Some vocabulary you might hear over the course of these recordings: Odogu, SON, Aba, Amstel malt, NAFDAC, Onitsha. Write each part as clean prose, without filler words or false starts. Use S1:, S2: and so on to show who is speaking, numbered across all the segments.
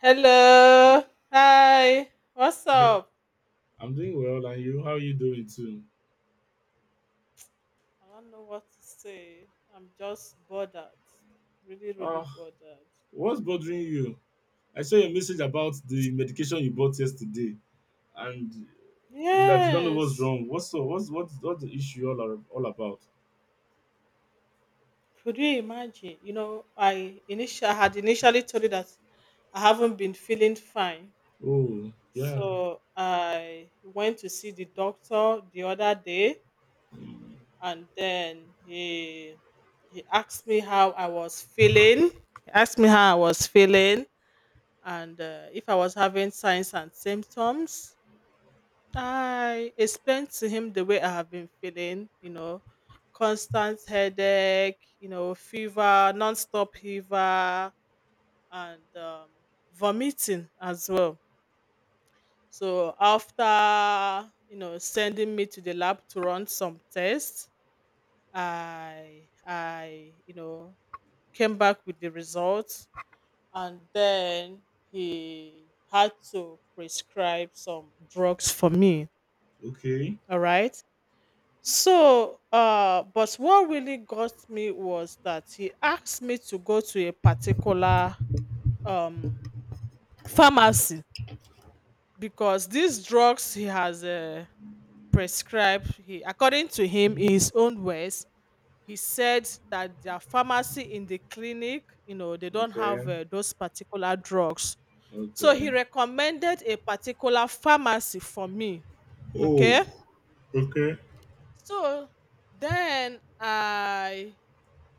S1: Hello. Hi. What's
S2: Hey,
S1: up?
S2: I'm doing well, and you? How are you doing too?
S1: I don't know what to say. I'm just bothered. Really, really
S2: Ah,
S1: bothered.
S2: what's bothering you? I saw your message about the medication you bought yesterday, and you that you don't know what's
S1: Yes.
S2: wrong. What's so? What's the issue all about?
S1: Could you imagine? I initially told you that I haven't been feeling fine.
S2: Oh, yeah.
S1: So I went to see the doctor the other day and then he asked me how I was feeling. He asked me how I was feeling and if I was having signs and symptoms. I explained to him the way I have been feeling, you know, constant headache, you know, fever, non-stop fever, and vomiting as well. So after sending me to the lab to run some tests, I came back with the results, and then he had to prescribe some drugs for me,
S2: Okay.
S1: all right? So but what really got me was that he asked me to go to a particular um pharmacy, because these drugs he has prescribed, he, according to him, in his own words, he said that their pharmacy in the clinic, you know, they don't have
S2: Okay.
S1: those particular drugs. So he
S2: Okay.
S1: recommended a particular pharmacy for me,
S2: Oh,
S1: okay?
S2: okay.
S1: So then I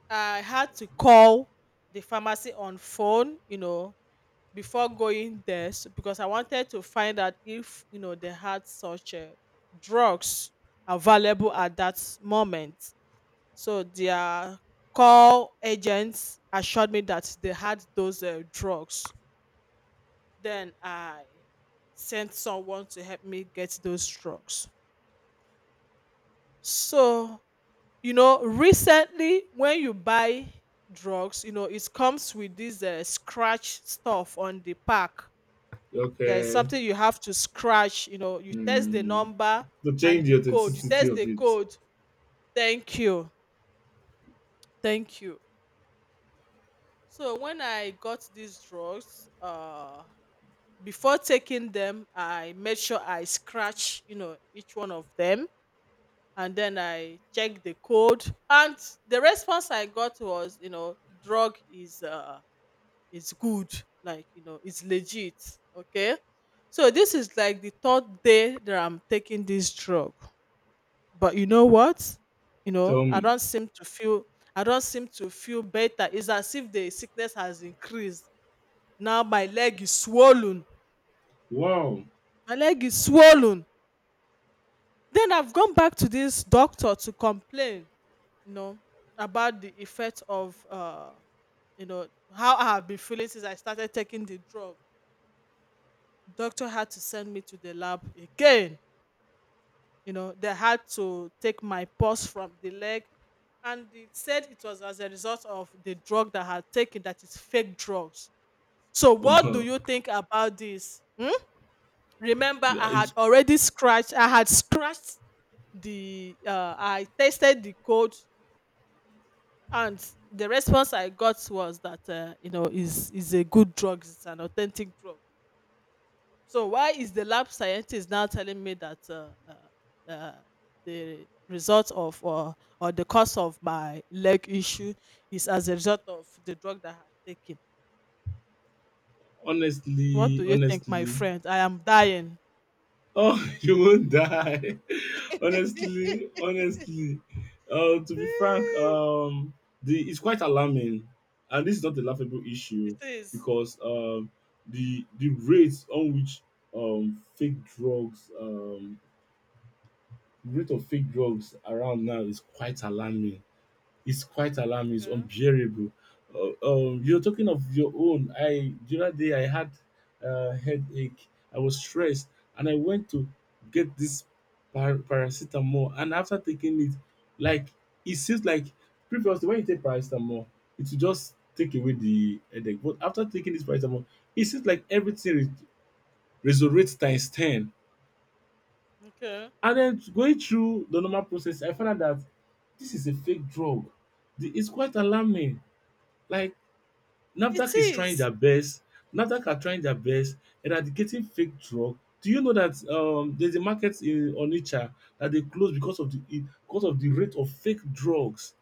S1: I had to call the pharmacy on phone, you know, before going there because I wanted to find out if, you know, they had such drugs available at that moment. So their call agents assured me that they had those drugs. Then I sent someone to help me get those drugs. So, you know, recently when you buy drugs, you know, it comes with this scratch stuff on the pack. There is
S2: Okay.
S1: something you have to scratch, you know, you test the
S2: Hmm.
S1: number
S2: To
S1: and
S2: change the
S1: the code. You
S2: authenticity
S1: test
S2: of
S1: the
S2: it,
S1: code. Thank you. Thank you. So when I got these drugs, before taking them, I made sure I scratch, you know, each one of them, and then I checked the code. And the response I got was, you know, drug is good, like, you know, it's legit. Okay. So this is like the third day that I'm taking this drug. But you know what?
S2: tell
S1: I
S2: me.
S1: don't seem to feel, I don't seem to feel better. It's as if the sickness has increased. Now my leg is swollen.
S2: Wow.
S1: My leg is swollen. Then I've gone back to this doctor to complain, you know, about the effect of you know how I have been feeling since I started taking the drug. Doctor had to send me to the lab again. You know, they had to take my pulse from the leg, and they said it was as a result of the drug that I had taken, that is fake drugs. So what do you think about this, hmm? Remember, i had
S2: it's
S1: already scratched i had scratched, the I tested the code. And the response I got was that, you know, is a good drug. It's an authentic drug. So why is the lab scientist now telling me that the result of or the cause of my leg issue is as a result of the drug that I had taken? What do
S2: honestly,
S1: you think, my
S2: honestly.
S1: friend? I am dying.
S2: Oh, you won't die. honestly, honestly. To be frank, the it's quite alarming, and this is not a laughable issue
S1: It is.
S2: because the rates on which fake drugs rate of fake drugs around now is quite alarming, it's quite alarming, it's
S1: Okay.
S2: unbearable. You're talking of your own. I The other day I had a headache. I was stressed, and I went to get this paracetamol. And after taking it, like it seems like previously when you take paracetamol, it will just take away the headache. But after taking this paracetamol, it seems like everything resurrects times 10.
S1: Okay.
S2: And then going through the normal process, I found out that this is a fake drug. It's quite alarming, like
S1: It
S2: NAFDAC is trying
S1: is.
S2: their best. NAFDAC are trying their best eradicating fake drug. Do you know that there's a market in Onitsha that they closed because of the it because of the rate of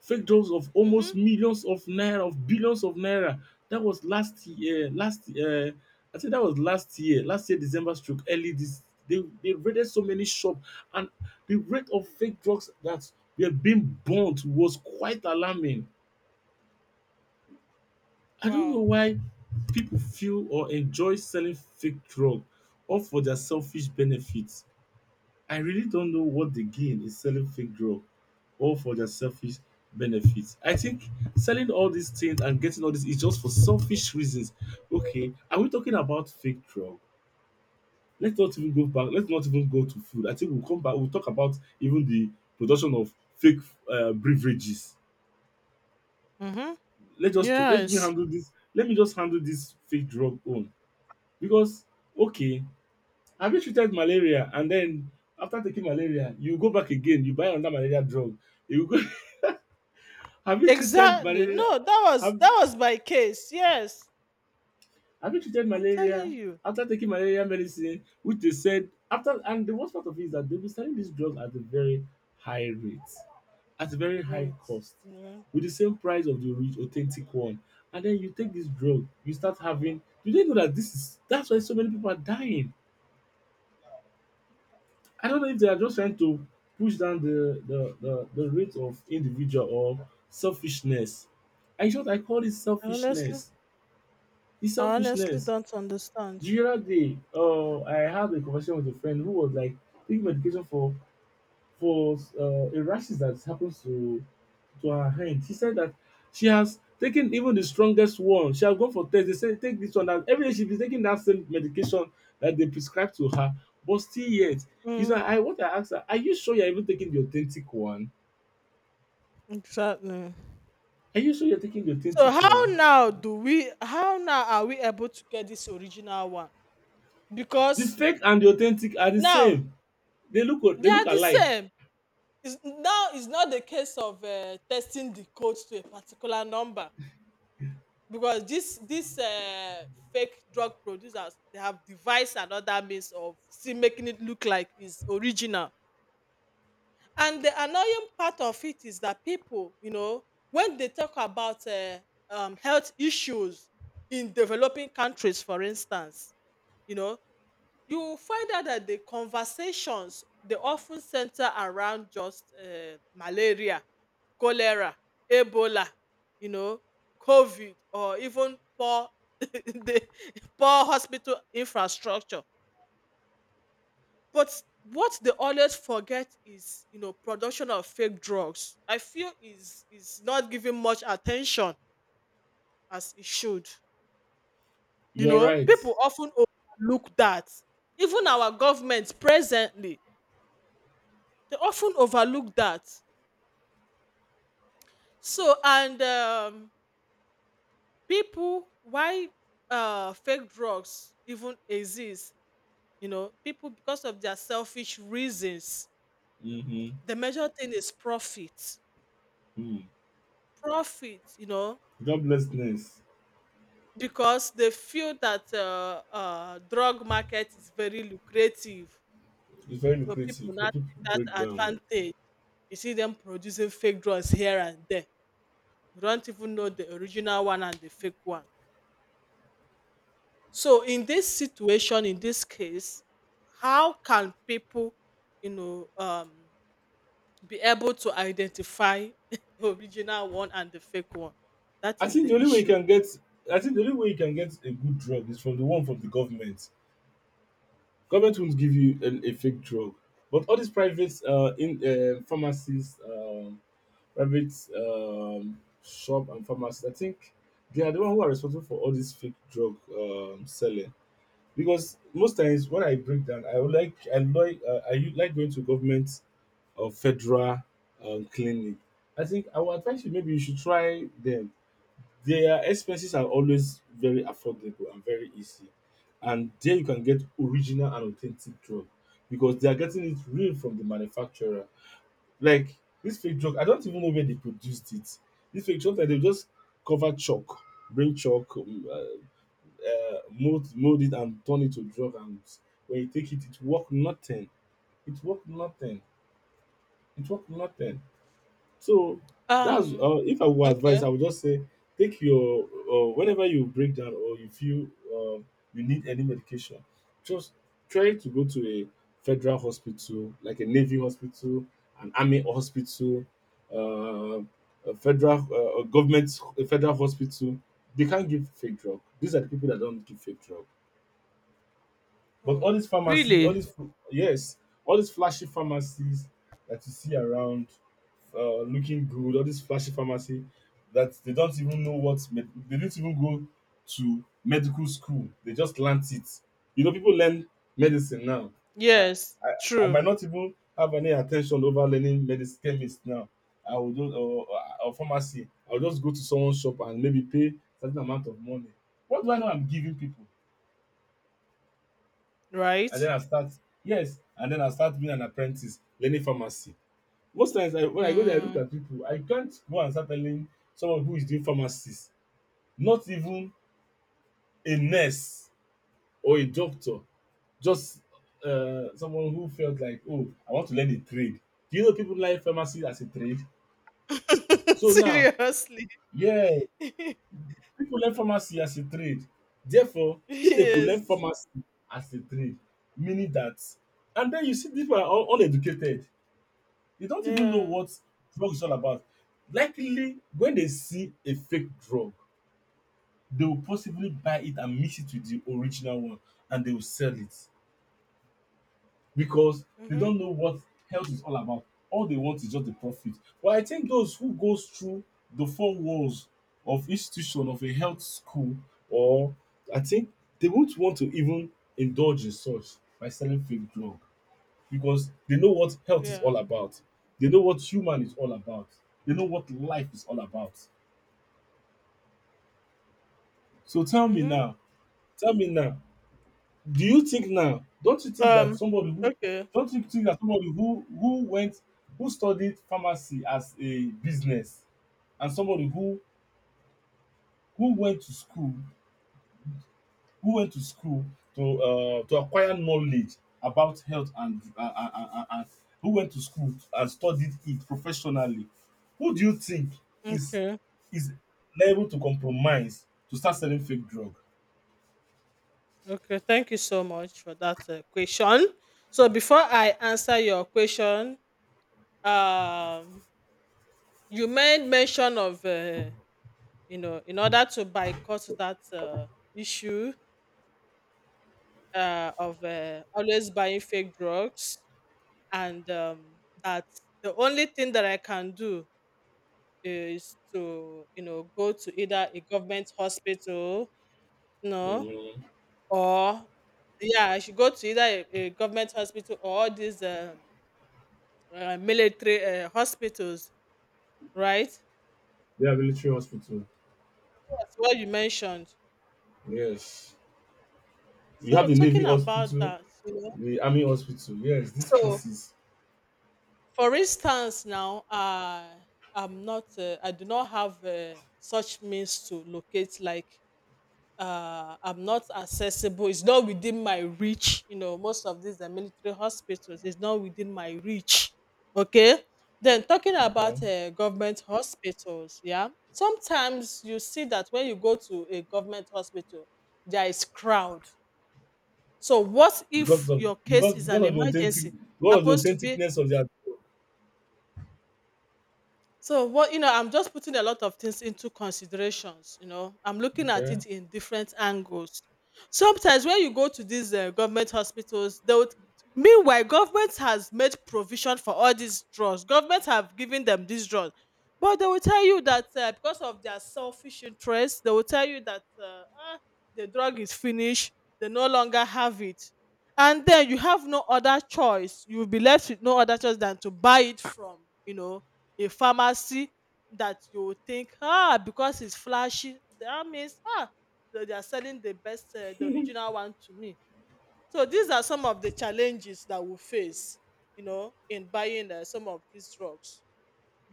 S2: fake drugs of almost
S1: Mm-hmm.
S2: millions of naira, of billions of naira. That was last year. Last I think that was last year. Last year December stroke early this. They raided so many shop, and the rate of fake drugs that were being burnt was quite alarming. I don't know
S1: Wow.
S2: why people feel or enjoy selling fake drug all for their selfish benefits. I really don't know what they gain in selling fake drug all for their selfish benefits. I think selling all these things and getting all this is just for selfish reasons. Okay, are we talking about fake drug? Let's not even go back. Let's not even go to food. I think we'll come back. We'll talk about even the production of fake beverages.
S1: Mm-hmm.
S2: Let me
S1: Yes.
S2: handle this. Let me just handle this fake drug on. Because okay, have you treated malaria and then after taking malaria, you go back again, you buy another malaria drug. You go have you treated
S1: Exactly.
S2: malaria,
S1: No, that was,
S2: have
S1: that was my case. Yes.
S2: have you treated
S1: I'm
S2: malaria
S1: telling you.
S2: after taking malaria medicine, which they said after, and the worst part of it is that they'll be selling this drug at a very high rate, at a very high
S1: Great.
S2: cost,
S1: Yeah.
S2: with the same price of the rich authentic one. And then you take this drug, you start having. Do they know that this is that's why so many people are dying? I don't know if they are just trying to push down the rate of individual or selfishness. I thought I call it
S1: I honestly,
S2: selfishness. It's
S1: I honestly
S2: selfishness.
S1: don't understand.
S2: The other day, I had a conversation with a friend who was like taking medication for a crisis that happens to her hand. She said that she has taken even the strongest one. She has gone for test. They say take this one. And every day she be taking that same medication that they prescribe to her, but still yet. Is
S1: Mm,
S2: that I what I asked her? Are you sure you're even taking the authentic one?
S1: exactly.
S2: Are you sure you're taking the
S1: So
S2: authentic
S1: how
S2: one?
S1: now do we, how now are we able to get this original one?
S2: The
S1: Because
S2: fake and the authentic are the
S1: now
S2: same.
S1: they
S2: They look
S1: are the
S2: alike.
S1: same. It's, now it's not the case of testing the code to a particular number, because this fake drug producers, they have devised another means of still making it look like it's original. And the annoying part of it is that people, you know, when they talk about health issues in developing countries, for instance, you know, you will find out that the conversations they often center around just malaria, cholera, Ebola, you know, COVID, or even poor the poor hospital infrastructure. But what they always forget is, you know, production of fake drugs. I feel is not given much attention as it should. You
S2: You're
S1: know,
S2: right.
S1: people often overlook that. Even our government presently, they often overlook that. So and People, why fake drugs even exist, you know, people, because of their selfish reasons.
S2: Mm-hmm.
S1: The major thing is profit,
S2: Mm.
S1: profit, you know,
S2: Joblessness
S1: because they feel that drug market is very lucrative,
S2: is very
S1: so
S2: lucrative,
S1: people now
S2: but people
S1: take
S2: break
S1: that
S2: down.
S1: advantage. You see them producing fake drugs here and there. You don't even know the original one and the fake one. So in this situation, in this case, how can people, you know, um, be able to identify original one and the fake one? That
S2: I
S1: is
S2: think the
S1: the
S2: only way you
S1: issue
S2: can get, I think the only way you can get a good drug is from the one from the government. Government won't give you a fake drug, but all these private in pharmacies, private shop and pharmacies, I think they are the one who are responsible for all this fake drug selling. Because most times when I break down, I would like I like like going to government or federal clinic. I think I would advise you maybe you should try them. Their expenses are always very affordable and very easy. And there you can get original and authentic drug because they are getting it real from the manufacturer. Like this fake drug, I don't even know where they produced it. This fake drug, like, they just cover chalk, bring chalk, mold it, and turn it to drug. And when you take it, it work nothing. It work nothing. It work nothing. So
S1: now.
S2: that's if I would advise,
S1: Okay.
S2: I would just say take your whenever you break down or you feel um, you need any medication, just try to go to a federal hospital, like a navy hospital, an army hospital, uh, a federal a federal hospital. They can't give fake drug. These are the people that don't give fake drug. But all
S1: Oh.
S2: these pharmacy, all
S1: Really?
S2: these yes, all these flashy pharmacies that you see around, looking good, all these flashy pharmacy that they don't even know what they didn't even go to medical school. They just learnt it. You know, people learn medicine now. I
S1: Yes.
S2: I, I
S1: True.
S2: might not even have any attention over learning medicine chemist now. I will do or pharmacy. I will just go to someone's shop and maybe pay certain amount of money. What do I know? I'm giving people, and then
S1: Right.
S2: I start yes, and then I start being an apprentice learning pharmacy. Most times when I go there, I look
S1: Mm.
S2: at people. I can't go and start telling someone who is doing pharmacist, not even a nurse or a doctor, just someone who felt like, oh, I want to learn a trade. Do you know people learn pharmacy as a trade? So now,
S1: Seriously.
S2: yeah, people learn pharmacy as a trade. Therefore, if they could learn
S1: Yes.
S2: pharmacy as a trade, meaning that, and then you see people are all uneducated. They don't even know
S1: Yeah.
S2: what drug is all about. Likely, when they see a fake drug, they will possibly buy it and mix it with the original one and they will sell it because they
S1: Mhm.
S2: don't know what health is all about. All they want is just the profit. But I think those who goes through the four walls of institution of a health school, or I think they won't want to even indulge in such by selling fake drug because they know what health is all
S1: Yeah.
S2: about. They know what human is all about. They know what life is all about. So
S1: Mhm.
S2: tell me now, do you think now, don't you think that
S1: Um.
S2: somebody who,
S1: Okay.
S2: don't you think that somebody who studied pharmacy as a business, and somebody who went to school, who went to school to acquire knowledge about health and who went to school and studied it professionally, who do you think is
S1: Okay.
S2: is liable to compromise to start selling fake drug.
S1: Okay, thank you so much for that question. So before I answer your question, um, you made mention of you know, in order to boycott that issue of always buying fake drugs, and that the only thing that I can do is to, you know, go to either a government hospital, no, or, yeah, I should go to either a government hospital or this. Military hospitals, right?
S2: We have military hospital,
S1: That's what you mentioned.
S2: yes. We have
S1: So
S2: the navy
S1: talking about
S2: hospital,
S1: that, you know,
S2: the army hospital, yes, these
S1: so
S2: places.
S1: for instance, now I'm not, I do not have such means to locate, like, I'm not accessible. It's not within my reach. You know, most of these are military hospitals. It's not within my reach. Okay. Then talking
S2: Okay,
S1: about government hospitals, yeah. Sometimes you see that when you go to a government hospital, there is crowd. So what if your case is
S2: because
S1: an
S2: of the authentic,
S1: emergency?
S2: because of the
S1: Happens to be.
S2: authenticness of their.
S1: So what, you know, I'm just putting a lot of things into considerations. You know, I'm looking at
S2: Okay.
S1: it in different angles. Sometimes when you go to these government hospitals, they would. Meanwhile, government has made provision for all these drugs. Government have given them these drugs, but they will tell you that because of their selfish interest, they will tell you that, ah, the drug is finished. They no longer have it, and then you have no other choice. You will be left with no other choice than to buy it from, you know, a pharmacy that you will think, ah, because it's flashy, that means, ah, they are selling the best, the original one to me. So these are some of the challenges that we face, you know, in buying some of these drugs.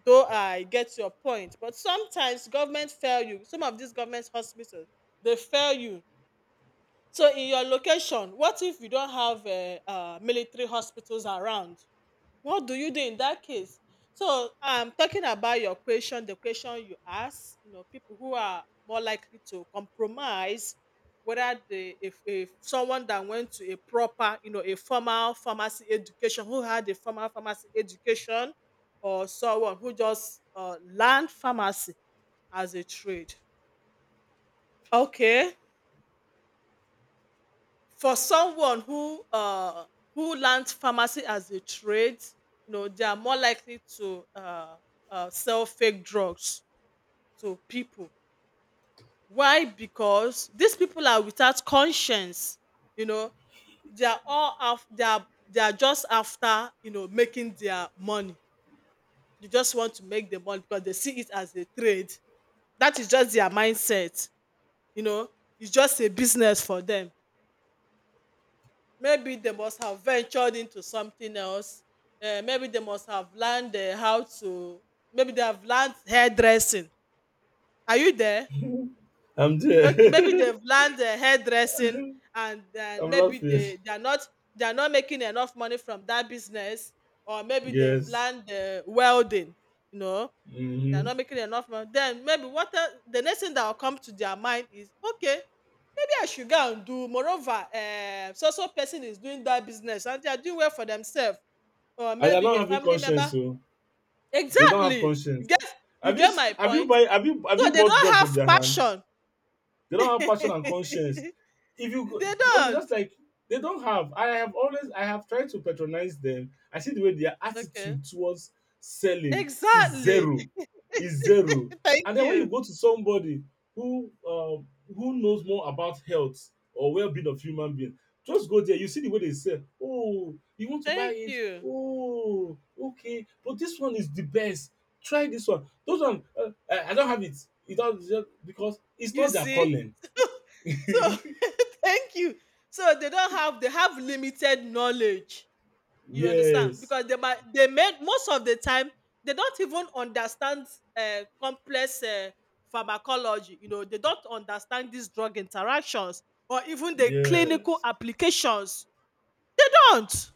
S1: Though I get your point, but sometimes government fail you. Some of these government hospitals, they fail you. So in your location, what if you don't have military hospitals around? What do you do in that case? So I'm talking about your question, the question you ask, you know, people who are more likely to compromise, whether they if someone that went to a proper, you know, a formal pharmacy education, who had a formal pharmacy education, or someone who just learned pharmacy as a trade. Okay. For someone who learnt pharmacy as a trade, you know, they are more likely to sell fake drugs to pipu. Why? Because dis pipu are without conscience, you know, they are, they are just after, you know, making their money. They just want to make the money because they see it as a trade. Dat is just their mindset, you know. It's just a business for dem. Maybe they must have ventured into something else. Maybe they must have learned how to. Maybe they have learned hairdressing. Are you there?
S2: I'm
S1: Okay. Maybe
S2: there.
S1: they've learned hairdressing, and then
S2: I'm
S1: maybe
S2: laughing.
S1: they are not, they are not making enough money from that business, or maybe they've
S2: Yes.
S1: learned welding. You know, they are
S2: Mm-hmm.
S1: not making enough money. Then maybe the next thing that will come to their mind is, okay, maybe I should go and do. Moreover, so so person is doing that business and they are doing well for themselves, or
S2: And they're
S1: maybe
S2: not
S1: a
S2: having
S1: family
S2: conscience,
S1: member.
S2: so they don't have
S1: Exactly.
S2: conscience.
S1: You
S2: have you
S1: get
S2: s-
S1: my
S2: have you
S1: point.
S2: buy have you have you
S1: So they
S2: bought
S1: don't
S2: drug
S1: have
S2: from their hand?
S1: passion.
S2: They
S1: They
S2: don't have passion and conscience. If you go, okay,
S1: don't.
S2: just like they don't have. I have tried to patronize them. I see the way their
S1: Okay.
S2: attitude towards selling is
S1: Exactly.
S2: zero, is zero.
S1: Thank
S2: And then when you
S1: you.
S2: go to somebody who uh, who knows more about health or well-being of human being, just go there. You see the way they sell. Oh, you want to buy
S1: Thank
S2: it?
S1: you.
S2: Oh, okay. But this one is the best. Try this one. Those one I don't have it. It just because it's
S1: You
S2: not their
S1: see?
S2: calling.
S1: So thank you. So they don't have they have limited knowledge. You understand?
S2: Yes,
S1: Because they might they made most of the time they don't even understand complex pharmacology. You know, they don't understand these drug interactions or even the clinical
S2: yes.
S1: applications. Don't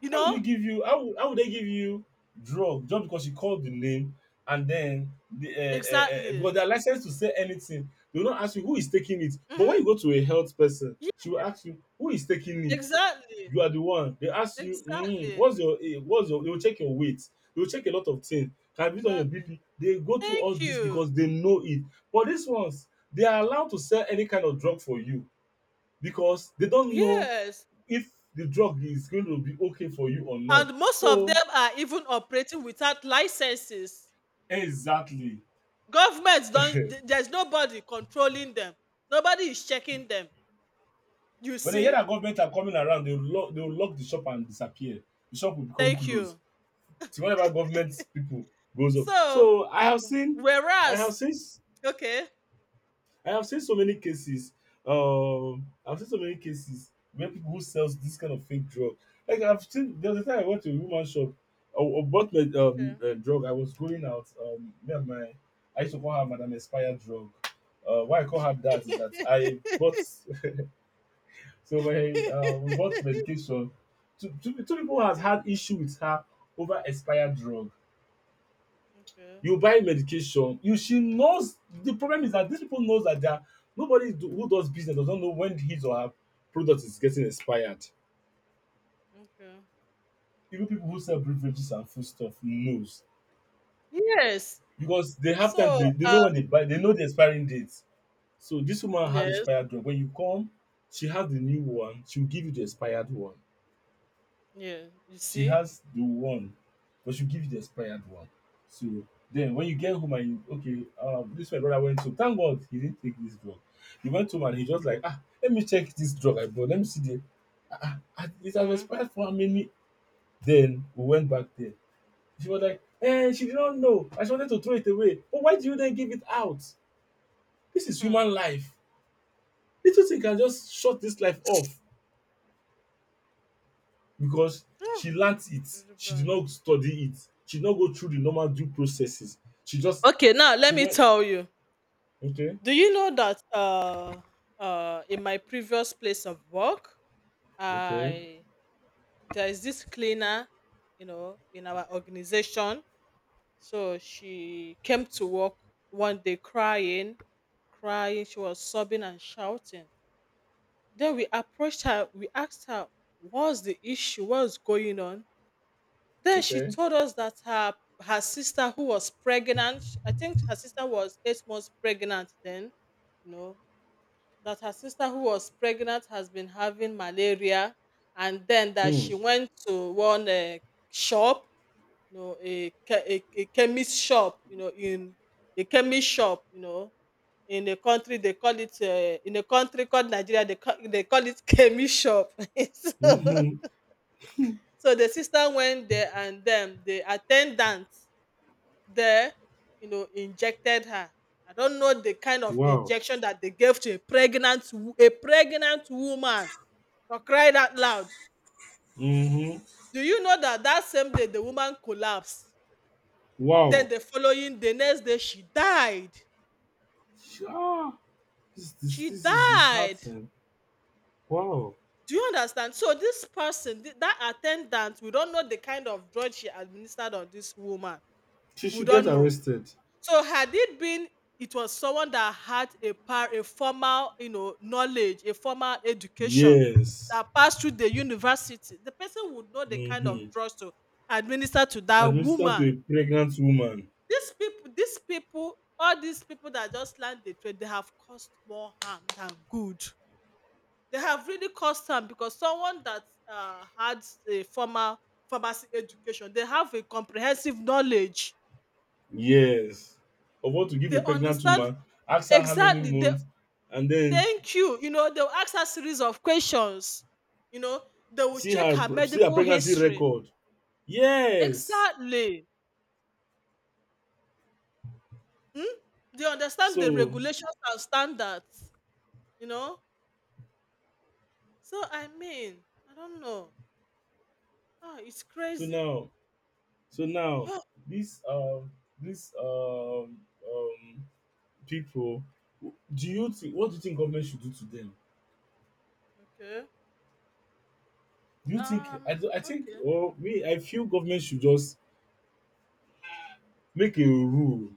S1: you
S2: How will you
S1: know?
S2: give you how would they give you drug just because you called the name? And then the
S1: Exactly.
S2: because they are licensed to say anything. They will not ask you who is taking it. But when
S1: Hmm.
S2: you go to a health person,
S1: Yeah,
S2: she will ask you who is taking it.
S1: exactly.
S2: You are the one. They ask you, mm,
S1: Exactly.
S2: what's your, they will check your weight. They will check a lot of things. Have you done your
S1: Exactly.
S2: BP? They go through all
S1: Thank
S2: this
S1: you.
S2: because they know it. But these ones, they are allowed to sell any kind of drug for you because they don't know
S1: Yes.
S2: if the drug is going to be okay for you or not.
S1: And most of
S2: So
S1: them are even operating without licenses.
S2: exactly.
S1: There's nobody controlling them, nobody is checking them, you
S2: When they hear
S1: see.
S2: that government are coming around, they will lock the shop and disappear. The shop will become
S1: Thank
S2: closed.
S1: you.
S2: Till whenever government people goes up.
S1: so
S2: So
S1: w-
S2: I have
S1: whereas
S2: seen
S1: okay.
S2: I have seen so many cases. I've seen so many cases where people who sells this kind of fake drug. Like I've seen there was a time I went to a woman shop. I bought my
S1: Okay.
S2: drug. I was going out. Me and my I used to call her Madam Expired drug. Why I call her that is that I bought so my we bought medication. Two people has
S1: Okay,
S2: had issue with her over expired drug.
S1: okay,
S2: You buy medication, you she knows the problem is that these people knows that they are nobody do, who does business does not know when his or her product is getting expired.
S1: okay.
S2: Even people who sell beverages and food stuff knows
S1: Yes.
S2: because they have time
S1: so
S2: they
S1: uh
S2: know when they buy they know the expiring date. So this woman has
S1: yes.
S2: expired drug. When you come, she has the new one, she'll give you the expired one.
S1: Yeah, you
S2: She
S1: see.
S2: has the one, but she'll give you the expired one. So then when you get home and you, okay, this my brother went to thank God he didn't take this drug. He went home and he just like, ah, let me check this drug I bought. Let me see the it has
S1: Mm-hmm.
S2: expired for how many? Then we went back there. She was like, eh, she did not know. I she wanted to throw it away. But why do you then give it out? This is
S1: Really
S2: human life. Little thing can just shut this life off because she learnt it. She did
S1: bad.
S2: not study it. She did not go through the normal due processes. She just
S1: Okay, now let
S2: she
S1: me
S2: went
S1: tell you,
S2: okay,
S1: do you know that in my previous place of work,
S2: okay,
S1: I there is this cleaner, you know, in our organization. So she came to work one day crying, crying. She was sobbing and shouting. Then we approached her. We asked her, "What's the issue? What's going on?" Then she
S2: okay.
S1: told us that her sister, who was pregnant — I think her sister was 8 months pregnant then, you know — that her sister who was pregnant has been having malaria, and then that
S2: Hmm.
S1: she went to one shop, you know, a a chemist shop, you know, a chemist shop, you know, in a country they call it, in a country called Nigeria, they they call it chemist shop. So,
S2: Mm-hmm.
S1: so the sister went there and them, the attendant there, you know, injected her. I don't know the kind of
S2: Wow.
S1: injection that they gave to a pregnant woman, for crying out loud.
S2: Mm-hmm.
S1: Do you know that that same day the woman collapsed?
S2: Wow.
S1: Then the next day she died.
S2: Sure. This this
S1: She
S2: this is
S1: died.
S2: disheartening. Wow.
S1: Do you understand? So this person, that attendant, we don't know the kind of drug she administered on this woman.
S2: She
S1: We
S2: should get
S1: don't know.
S2: arrested.
S1: So had it been it was someone that had a formal, you know, knowledge, a formal education,
S2: Yes.
S1: that passed through the university. The person would know the kind
S2: Mm-hmm.
S1: of drugs to administer to that
S2: Administer to
S1: woman.
S2: a pregnant woman.
S1: All these people that just land the trade, they have caused more harm than good. They have really cost harm, because someone that had a formal pharmacy education, they have a comprehensive knowledge.
S2: Yes. Of what to give
S1: They
S2: a pregnant
S1: understand,
S2: woman, ask her how many
S1: exactly. They
S2: months, and then
S1: Thank you. You know, they'll ask her series of questions. You know, they will check her
S2: see her
S1: medical
S2: pregnancy
S1: history.
S2: record, yes.
S1: Exactly. Hmm? They understand the
S2: so
S1: regulations and standards. You know, so I mean, I don't know. Ah, it's
S2: so
S1: crazy.
S2: now so now this um this um people, do you think what do you think government should do to them?
S1: Okay.
S2: Do you think I
S1: Um.
S2: do I think
S1: Okay.
S2: or me I feel government should just make a rule.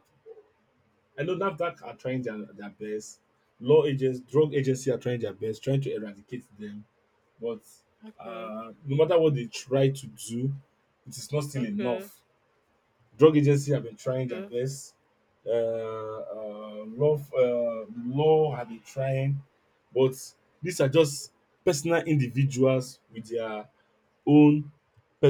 S2: I know NAFDAC are trying their best, law agents, drug agency are trying their best trying to eradicate them, but
S1: Okay.
S2: no matter what they try to do, it is not still
S1: Okay.
S2: enough. Drug agency have been trying their
S1: Okay.
S2: best. Law, law have been trying, but these are just personal individuals with their own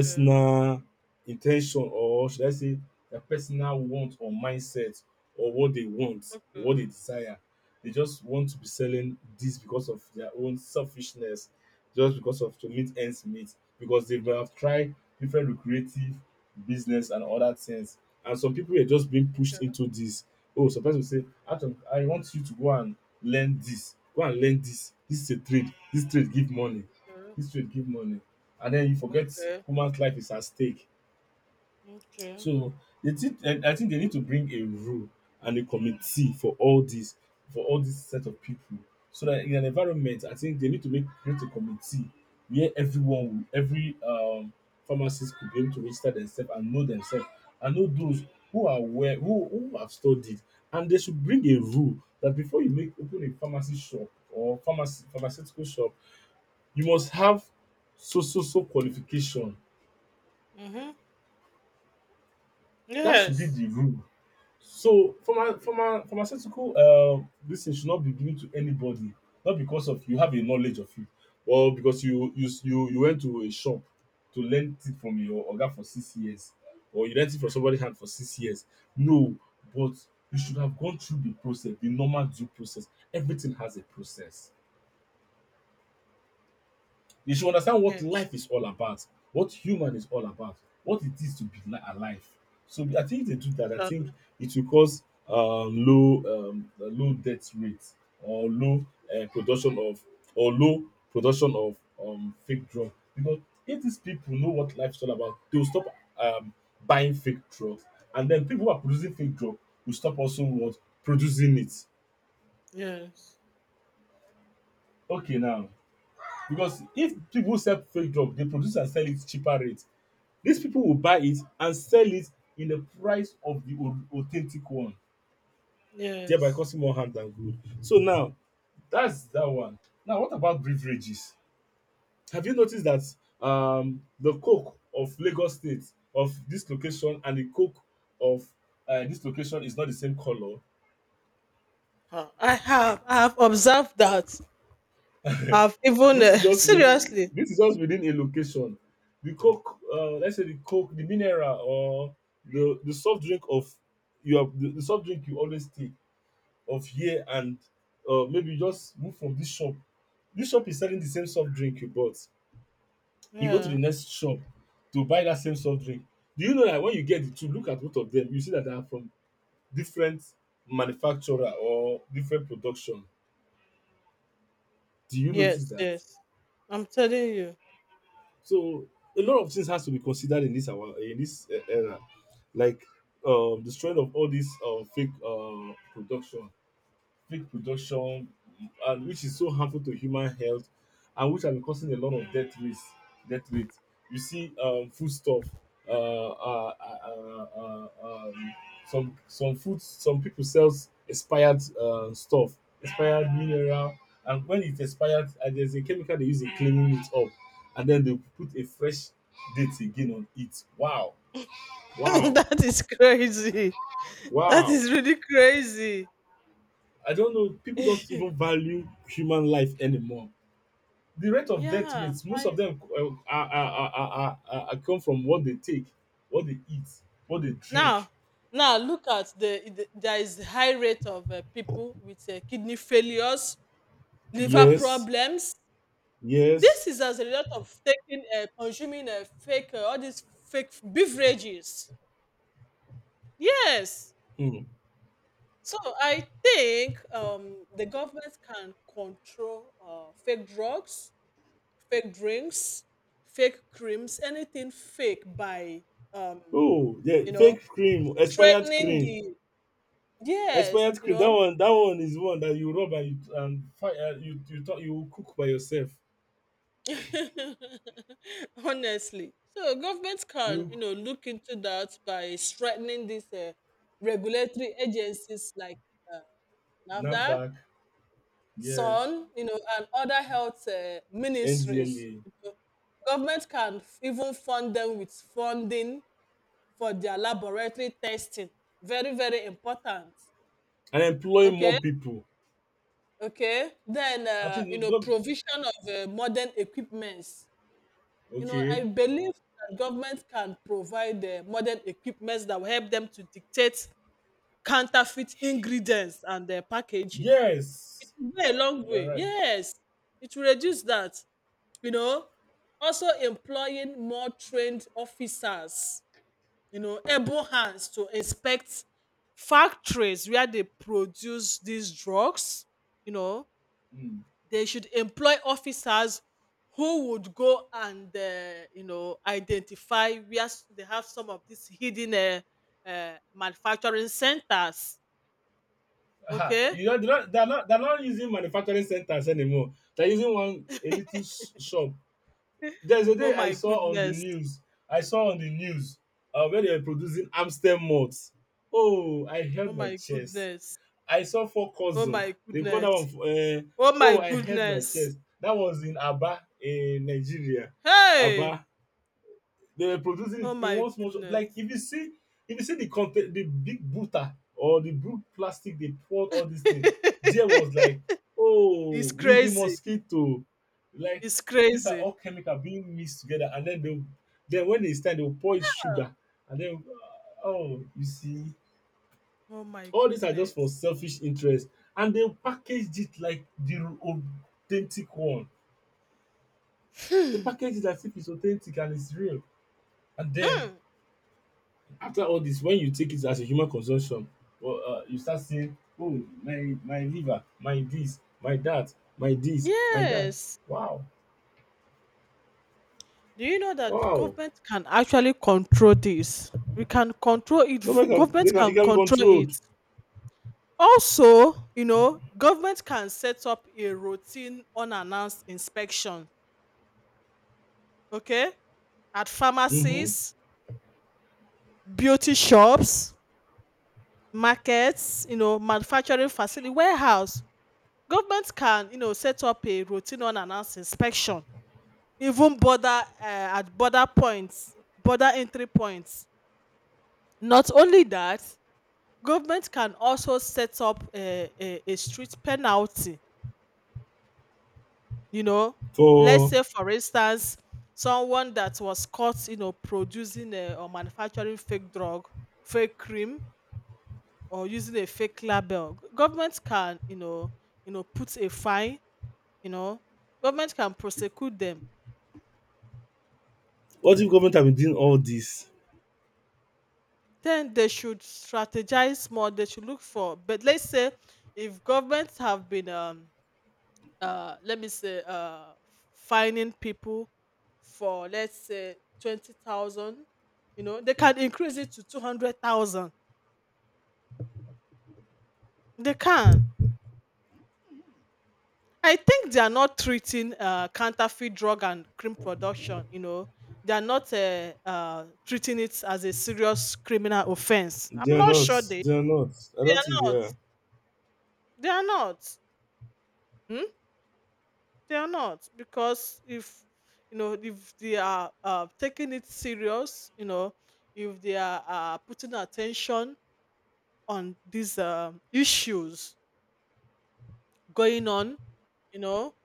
S1: Okay,
S2: in ten tion, or should I say their personal want or mindset, or what they want, or what
S1: okay,
S2: they desire. They just want to be selling this because of their own selfishness, just because of to meet ends meet, because they may have tried different lucrative business and other things. And some people were just being
S1: okay,
S2: pushed into this. Oh, some person will say, Atom, I want you to go and learn this. Go and learn this. This is a trade. This trade give money.
S1: okay,
S2: This trade give money, and then you forget
S1: okay,
S2: human's life is at stake.
S1: okay.
S2: So they, thing I think they need to bring a rule and a committee for all these, for all this set of people. So that in an environment, I think they need to make create a committee where every pharmacist could be able to register themselves and know those who are aware who have studied, and they should bring a rule that before you make open a pharmacy shop or pharmacy pharmaceutical shop, you must have so qualification.
S1: Mm-hmm.
S2: That should be
S1: Yes,
S2: the rule. So pharma pharma pharmaceutical dis thing should not be given to anybody, not because of you have a knowledge of it, or because you went to a shop to learn it from your oga for 6 years, or you learnt it from somebody hand for 6 years. No, but you should have gone through the process, the normal due process. Everything has a process. They should understand what
S1: yes,
S2: life is all about, what human is all about, what it is to be li- alive. So I think if they do that, I
S1: exactly.
S2: think it will cause low low death rate, or low production of, or low production of fake drug. Because if these people know what life is all about, they will stop um, buying fake drugs, and then people who are producing fake drug will stop also what producing it.
S1: Yes,
S2: Okay, now, because if people sell fake drug, they produce and sell it cheaper rate. These people will buy it and sell it in the price of the au- authentic one, thereby
S1: yes.
S2: causing more harm than good. So now, that's that one. Now what about beverages? Have you noticed that the Coke of Lagos State of this location and the Coke of this location is not the same color?
S1: Huh. I have observed that. I've even
S2: this is just within
S1: seriously.
S2: this is just within a location. The coke, let's say the coke, the mineral, or the soft drink of you have the soft drink you always take of here, and maybe you just move from this shop. This shop is selling the same soft drink you bought. You go to the
S1: Yeah.
S2: next shop to buy that same soft drink. Do you know that when you get the two, look at both of them, you see that they are from different manufacturer or different production? Do you notice
S1: Yes,
S2: that?
S1: yes. I'm telling you.
S2: So a lot of things has to be considered in this our in this era, like the strength of all these fake production, fake production, and which is so harmful to human health, and which have been causing a lot of death rates. Death rates. You see, foodstuff. Uh, uh, uh, uh, uh, um, some food. Some people sells expired stuff, expired mineral, and when it expired, and there's a chemical they use in cleaning it up, and then they put a fresh date again on it. Wow, wow,
S1: That is crazy. That
S2: wow.
S1: is really crazy.
S2: I don't know. People don't even value human life anymore. The rate of death
S1: Yeah.
S2: rates, most of
S1: I
S2: them come from what they take, what they eat, what they drink.
S1: Now. Now look at there is high rate of people with kidney failures, liver
S2: Yes,
S1: problems.
S2: yes.
S1: This is as a result of taking, consuming fake, all these fake beverages. Yes.
S2: Hmm.
S1: So I think the government can control fake drugs, fake drinks, fake creams, anything fake by, um,
S2: Oh, yeah,
S1: you know,
S2: fake cream, expired
S1: straightening
S2: cream,
S1: the, yes,
S2: expired
S1: you
S2: cream.
S1: know,
S2: That one is one that you rub and you and fi- you you talk, you cook by yourself.
S1: honestly. So government can, you
S2: You
S1: know, look into that by strengthening these regulatory agencies like uh, NAFDAC,
S2: NAFDAC, yes,
S1: SON, you know, and other health ministries.
S2: NDLA,
S1: You know, government can even fund them with funding for their laboratory testing. Very, very important.
S2: and employ more
S1: Okay,
S2: people.
S1: okay. Then,
S2: I think
S1: you know,
S2: God.
S1: provision of modern equipment. You know,
S2: Okay.
S1: I believe that government can provide the modern equipments that will help them to dictate counterfeit ingredients and their packaging. It
S2: Yes,
S1: will go a long
S2: you're
S1: way.
S2: right.
S1: Yes, it will reduce that. You know, also employing more trained officers, you know, able hands to inspect factories where they produce these drugs, you know,
S2: Hmm.
S1: they should employ officers who would go and you know, identify where they have some of these hidden manufacturing centers.
S2: Ah,
S1: Okay.
S2: you know, they're not using manufacturing centers anymore. They're using one a little s- shop. There's a
S1: Oh
S2: day I
S1: my
S2: saw on the
S1: goodness.
S2: news. I saw on the news where they were producing Amstel malt. Oh, I
S1: Oh
S2: held my
S1: my
S2: chest.
S1: goodness.
S2: I saw four
S1: Oh
S2: cousin.
S1: my
S2: They call that
S1: goodness.
S2: one.
S1: Oh my
S2: Oh, I held my
S1: goodness.
S2: chest. That was in Aba in Nigeria.
S1: Hey.
S2: Aba, they were producing it
S1: Oh
S2: in
S1: my
S2: one small shot.
S1: goodness.
S2: Like if you see the content, the big butter or the big plastic they poured all this thing, there was like, oh,
S1: It's
S2: with the
S1: crazy.
S2: mosquito, like
S1: It's
S2: these are
S1: crazy.
S2: all chemical being mixed together, and then they, then when they stand, they will pour it sugar, and then oh, you see,
S1: Oh my
S2: all these are just for
S1: goodness.
S2: selfish interest, and they packaged it like the authentic one. They
S1: Hmm.
S2: package it as if it's authentic and it's real, and then
S1: Hmm.
S2: after all this, when you take it as a human consumption, well, you start saying, "Oh, my liver, my this, my that, my this, my that."
S1: Yes.
S2: Wow,
S1: Do you know that
S2: wow.
S1: government can actually control this? We can control it.
S2: Government can they
S1: Government
S2: can it
S1: can
S2: can be
S1: control it.
S2: controlled.
S1: Also, you know, government can set up a routine unannounced inspection, okay, at
S2: Mm-hmm.
S1: pharmacies, beauty shops, markets, you know, manufacturing facility, warehouse. Government can, you know, set up a routine unannounced inspection, even border at border points, border entry points. Not only that, government can also set up a street penalty, you know. Let's
S2: For
S1: say, for instance, someone that was caught, you know, or manufacturing fake drug, fake cream, or using a fake label. Government can, you know, put a fine, you know, government can prosecute them.
S2: what if government have been doing all this?
S1: Then they should strategize more. They should look for, but let's say if governments have been let me say finding people for, let's say, 20,000, you know, they can increase it to 200,000. They can, I think they are not treating counterfeit drug and crime production, you know, they are not treating it as a serious criminal offense.
S2: They
S1: I'm
S2: are
S1: not
S2: not.
S1: sure they
S2: They are not. I
S1: they
S2: don't think
S1: are
S2: they
S1: not,
S2: are.
S1: they are not. Hmm? They are not, because if you know, if they are taking it serious, you know, if they are putting attention on these issues going on, you know,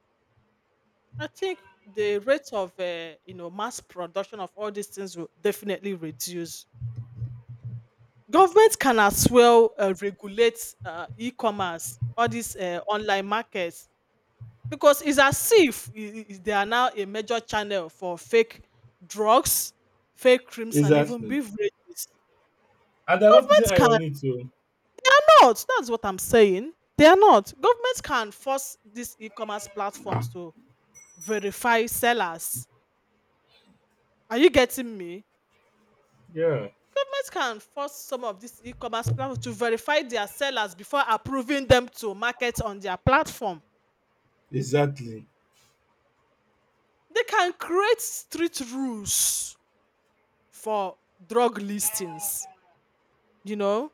S1: I think the rate of you know, mass production of all these things will definitely reduce. Government can as well regulate e-commerce, all these online markets. Because it's as if they are now a major channel for fake drugs, fake creams, and even
S2: Exactly.
S1: beverages.
S2: And they're not putting
S1: Governments
S2: eye on
S1: cannot.
S2: it, too.
S1: That's what I'm saying. They are not. Governments can force these e commerce platforms to verify sellers. Are you getting me?
S2: Yeah.
S1: Governments can force some of these e commerce platforms to verify their sellers before approving them to market on their platform.
S2: Exactly.
S1: They can create strict rules for drug listings, you know.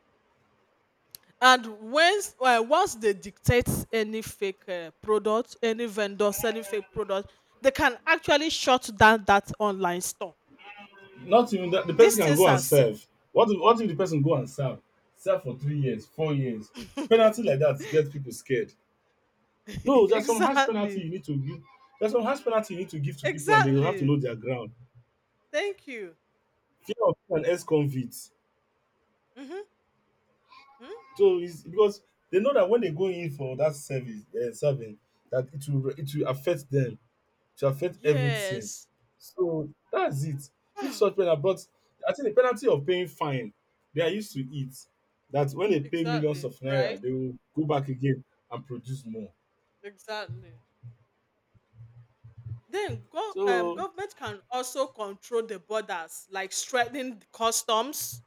S1: And once once they dictate any fake product, any vendor selling fake product, they can actually shut down that online store.
S2: Not even that the person
S1: These
S2: can
S1: things
S2: go and
S1: are sim-
S2: serve. What if the person go and serve? Serve for 3 years, 4 years. Penalty like that gets people scared. No, there's some harsh penalty
S1: exactly,
S2: you need to give. There's some harsh penalty you need to give to people, and they will have to
S1: exactly.
S2: know their ground.
S1: Thank you.
S2: Fear of being an ex convict.
S1: Hmm. Hmm.
S2: So it's because they know that when they go in for that service, serving, that it will affect them. To affect everything.
S1: Yes.
S2: So that's it. If such penalty, but I think the penalty of paying fine, they are used to it. That when they pay millions
S1: Exactly.
S2: of naira,
S1: Right,
S2: they will go back again and produce more.
S1: exactly. Then go,
S2: So
S1: government can also control the borders, like strengthening the customs.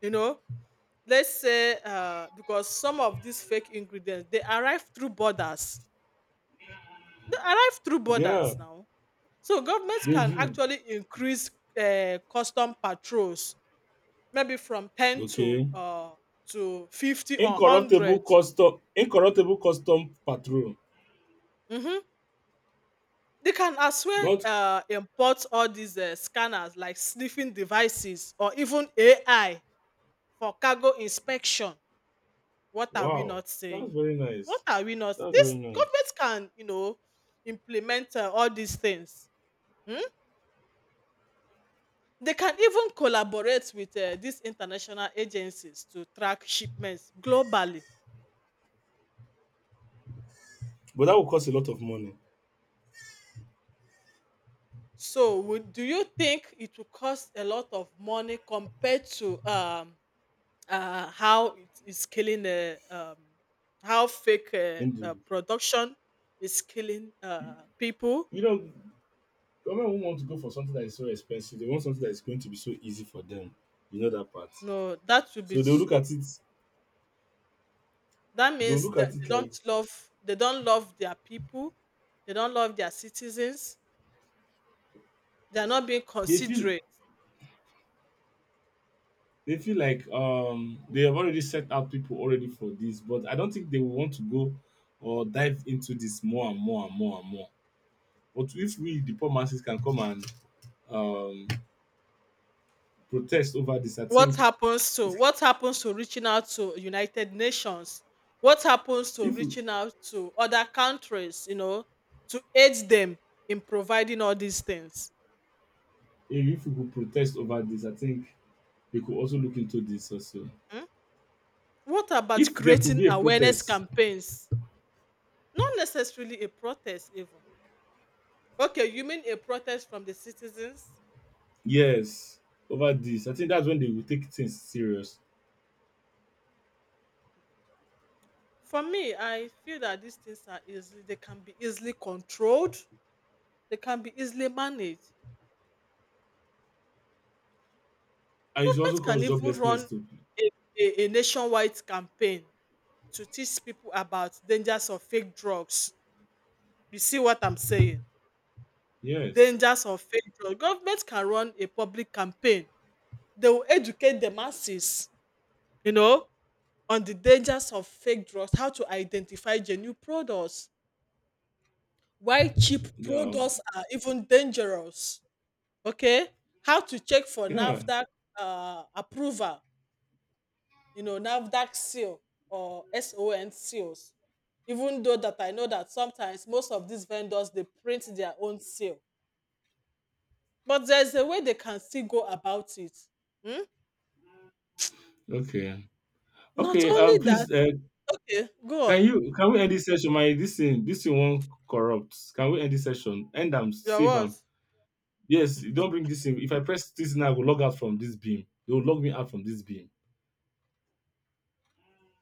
S1: You know, let's say because some of these fake ingredients they arrive through
S2: yeah,
S1: borders now, so governments
S2: they
S1: can
S2: do.
S1: actually increase custom patrols, maybe from 10
S2: Okay.
S1: to 50 or 100.
S2: Incorruptible custom patrol.
S1: Mhm. They can as well
S2: Not
S1: import all these scanners, like sniffing devices, or even AI for cargo inspection. What are we
S2: wow.
S1: not
S2: That's
S1: saying?
S2: very
S1: What
S2: nice.
S1: are we not?
S2: That's
S1: This
S2: very nice.
S1: government can, you know, implement all these things. Hmm? They can even collaborate with these international agencies to track shipments globally.
S2: But that will cost a lot of money.
S1: So, would, do you think it will cost a lot of money compared to how it is killing the how fake
S2: Indeed.
S1: production is killing people?
S2: You know, government won't want to go for something that is so expensive. They want something that is going to be so easy for them. You know that part.
S1: No, that would be
S2: So they'll look
S1: so.
S2: at it.
S1: That
S2: They'll
S1: means
S2: look
S1: that
S2: at it like
S1: they don't love their people, they don't love their citizens, they are not being
S2: they feel.
S1: considerate.
S2: They feel like they have already set out people already for this, but I don't think they will want to go or dive into this more and more and more and more. But if we the poor masses can come and um protest over this, I
S1: What
S2: think
S1: happens to reaching out to United Nations? What happens to
S2: if we,
S1: reaching out to other countries, you know, to aid them in providing all these things?
S2: if we could protest over this, I think they could also look into this also.
S1: Hmm? What about
S2: If there could
S1: creating
S2: be a
S1: awareness
S2: protest.
S1: campaigns? Not necessarily a protest even. Okay, you mean a protest from the citizens?
S2: Yes, over this. I think that's when they will take things serious.
S1: For me, I feel that these things are easily they can be easily controlled, they can be easily managed.
S2: And it should also
S1: Government can
S2: cause
S1: even
S2: joblessness
S1: run
S2: too.
S1: a, a nationwide campaign to teach people about dangers of fake drugs. You see what I'm saying?
S2: Yes.
S1: Dangers of fake drugs. Government can run a public campaign. They will educate the masses, you know, on the dangers of fake drugs, how to identify genuine products, why cheap
S2: Yeah.
S1: products are even dangerous. Okay, how to check for
S2: Yeah.
S1: NAFDAC approval, you know, NAFDAC seal or SON seals. Even though that I know that sometimes most of these vendors they print their own seal, but there's a way they can still go about it. Hmm?
S2: Okay.
S1: Not
S2: Okay.
S1: only that,
S2: Please
S1: okay, go
S2: can
S1: on.
S2: you can we end this session? My this thing won't corrupt. Can we end this session? End them,
S1: Your
S2: save them.
S1: what?
S2: Yes, don't bring this in. If I press this now, I will log out from this beam. They will log me out from this beam.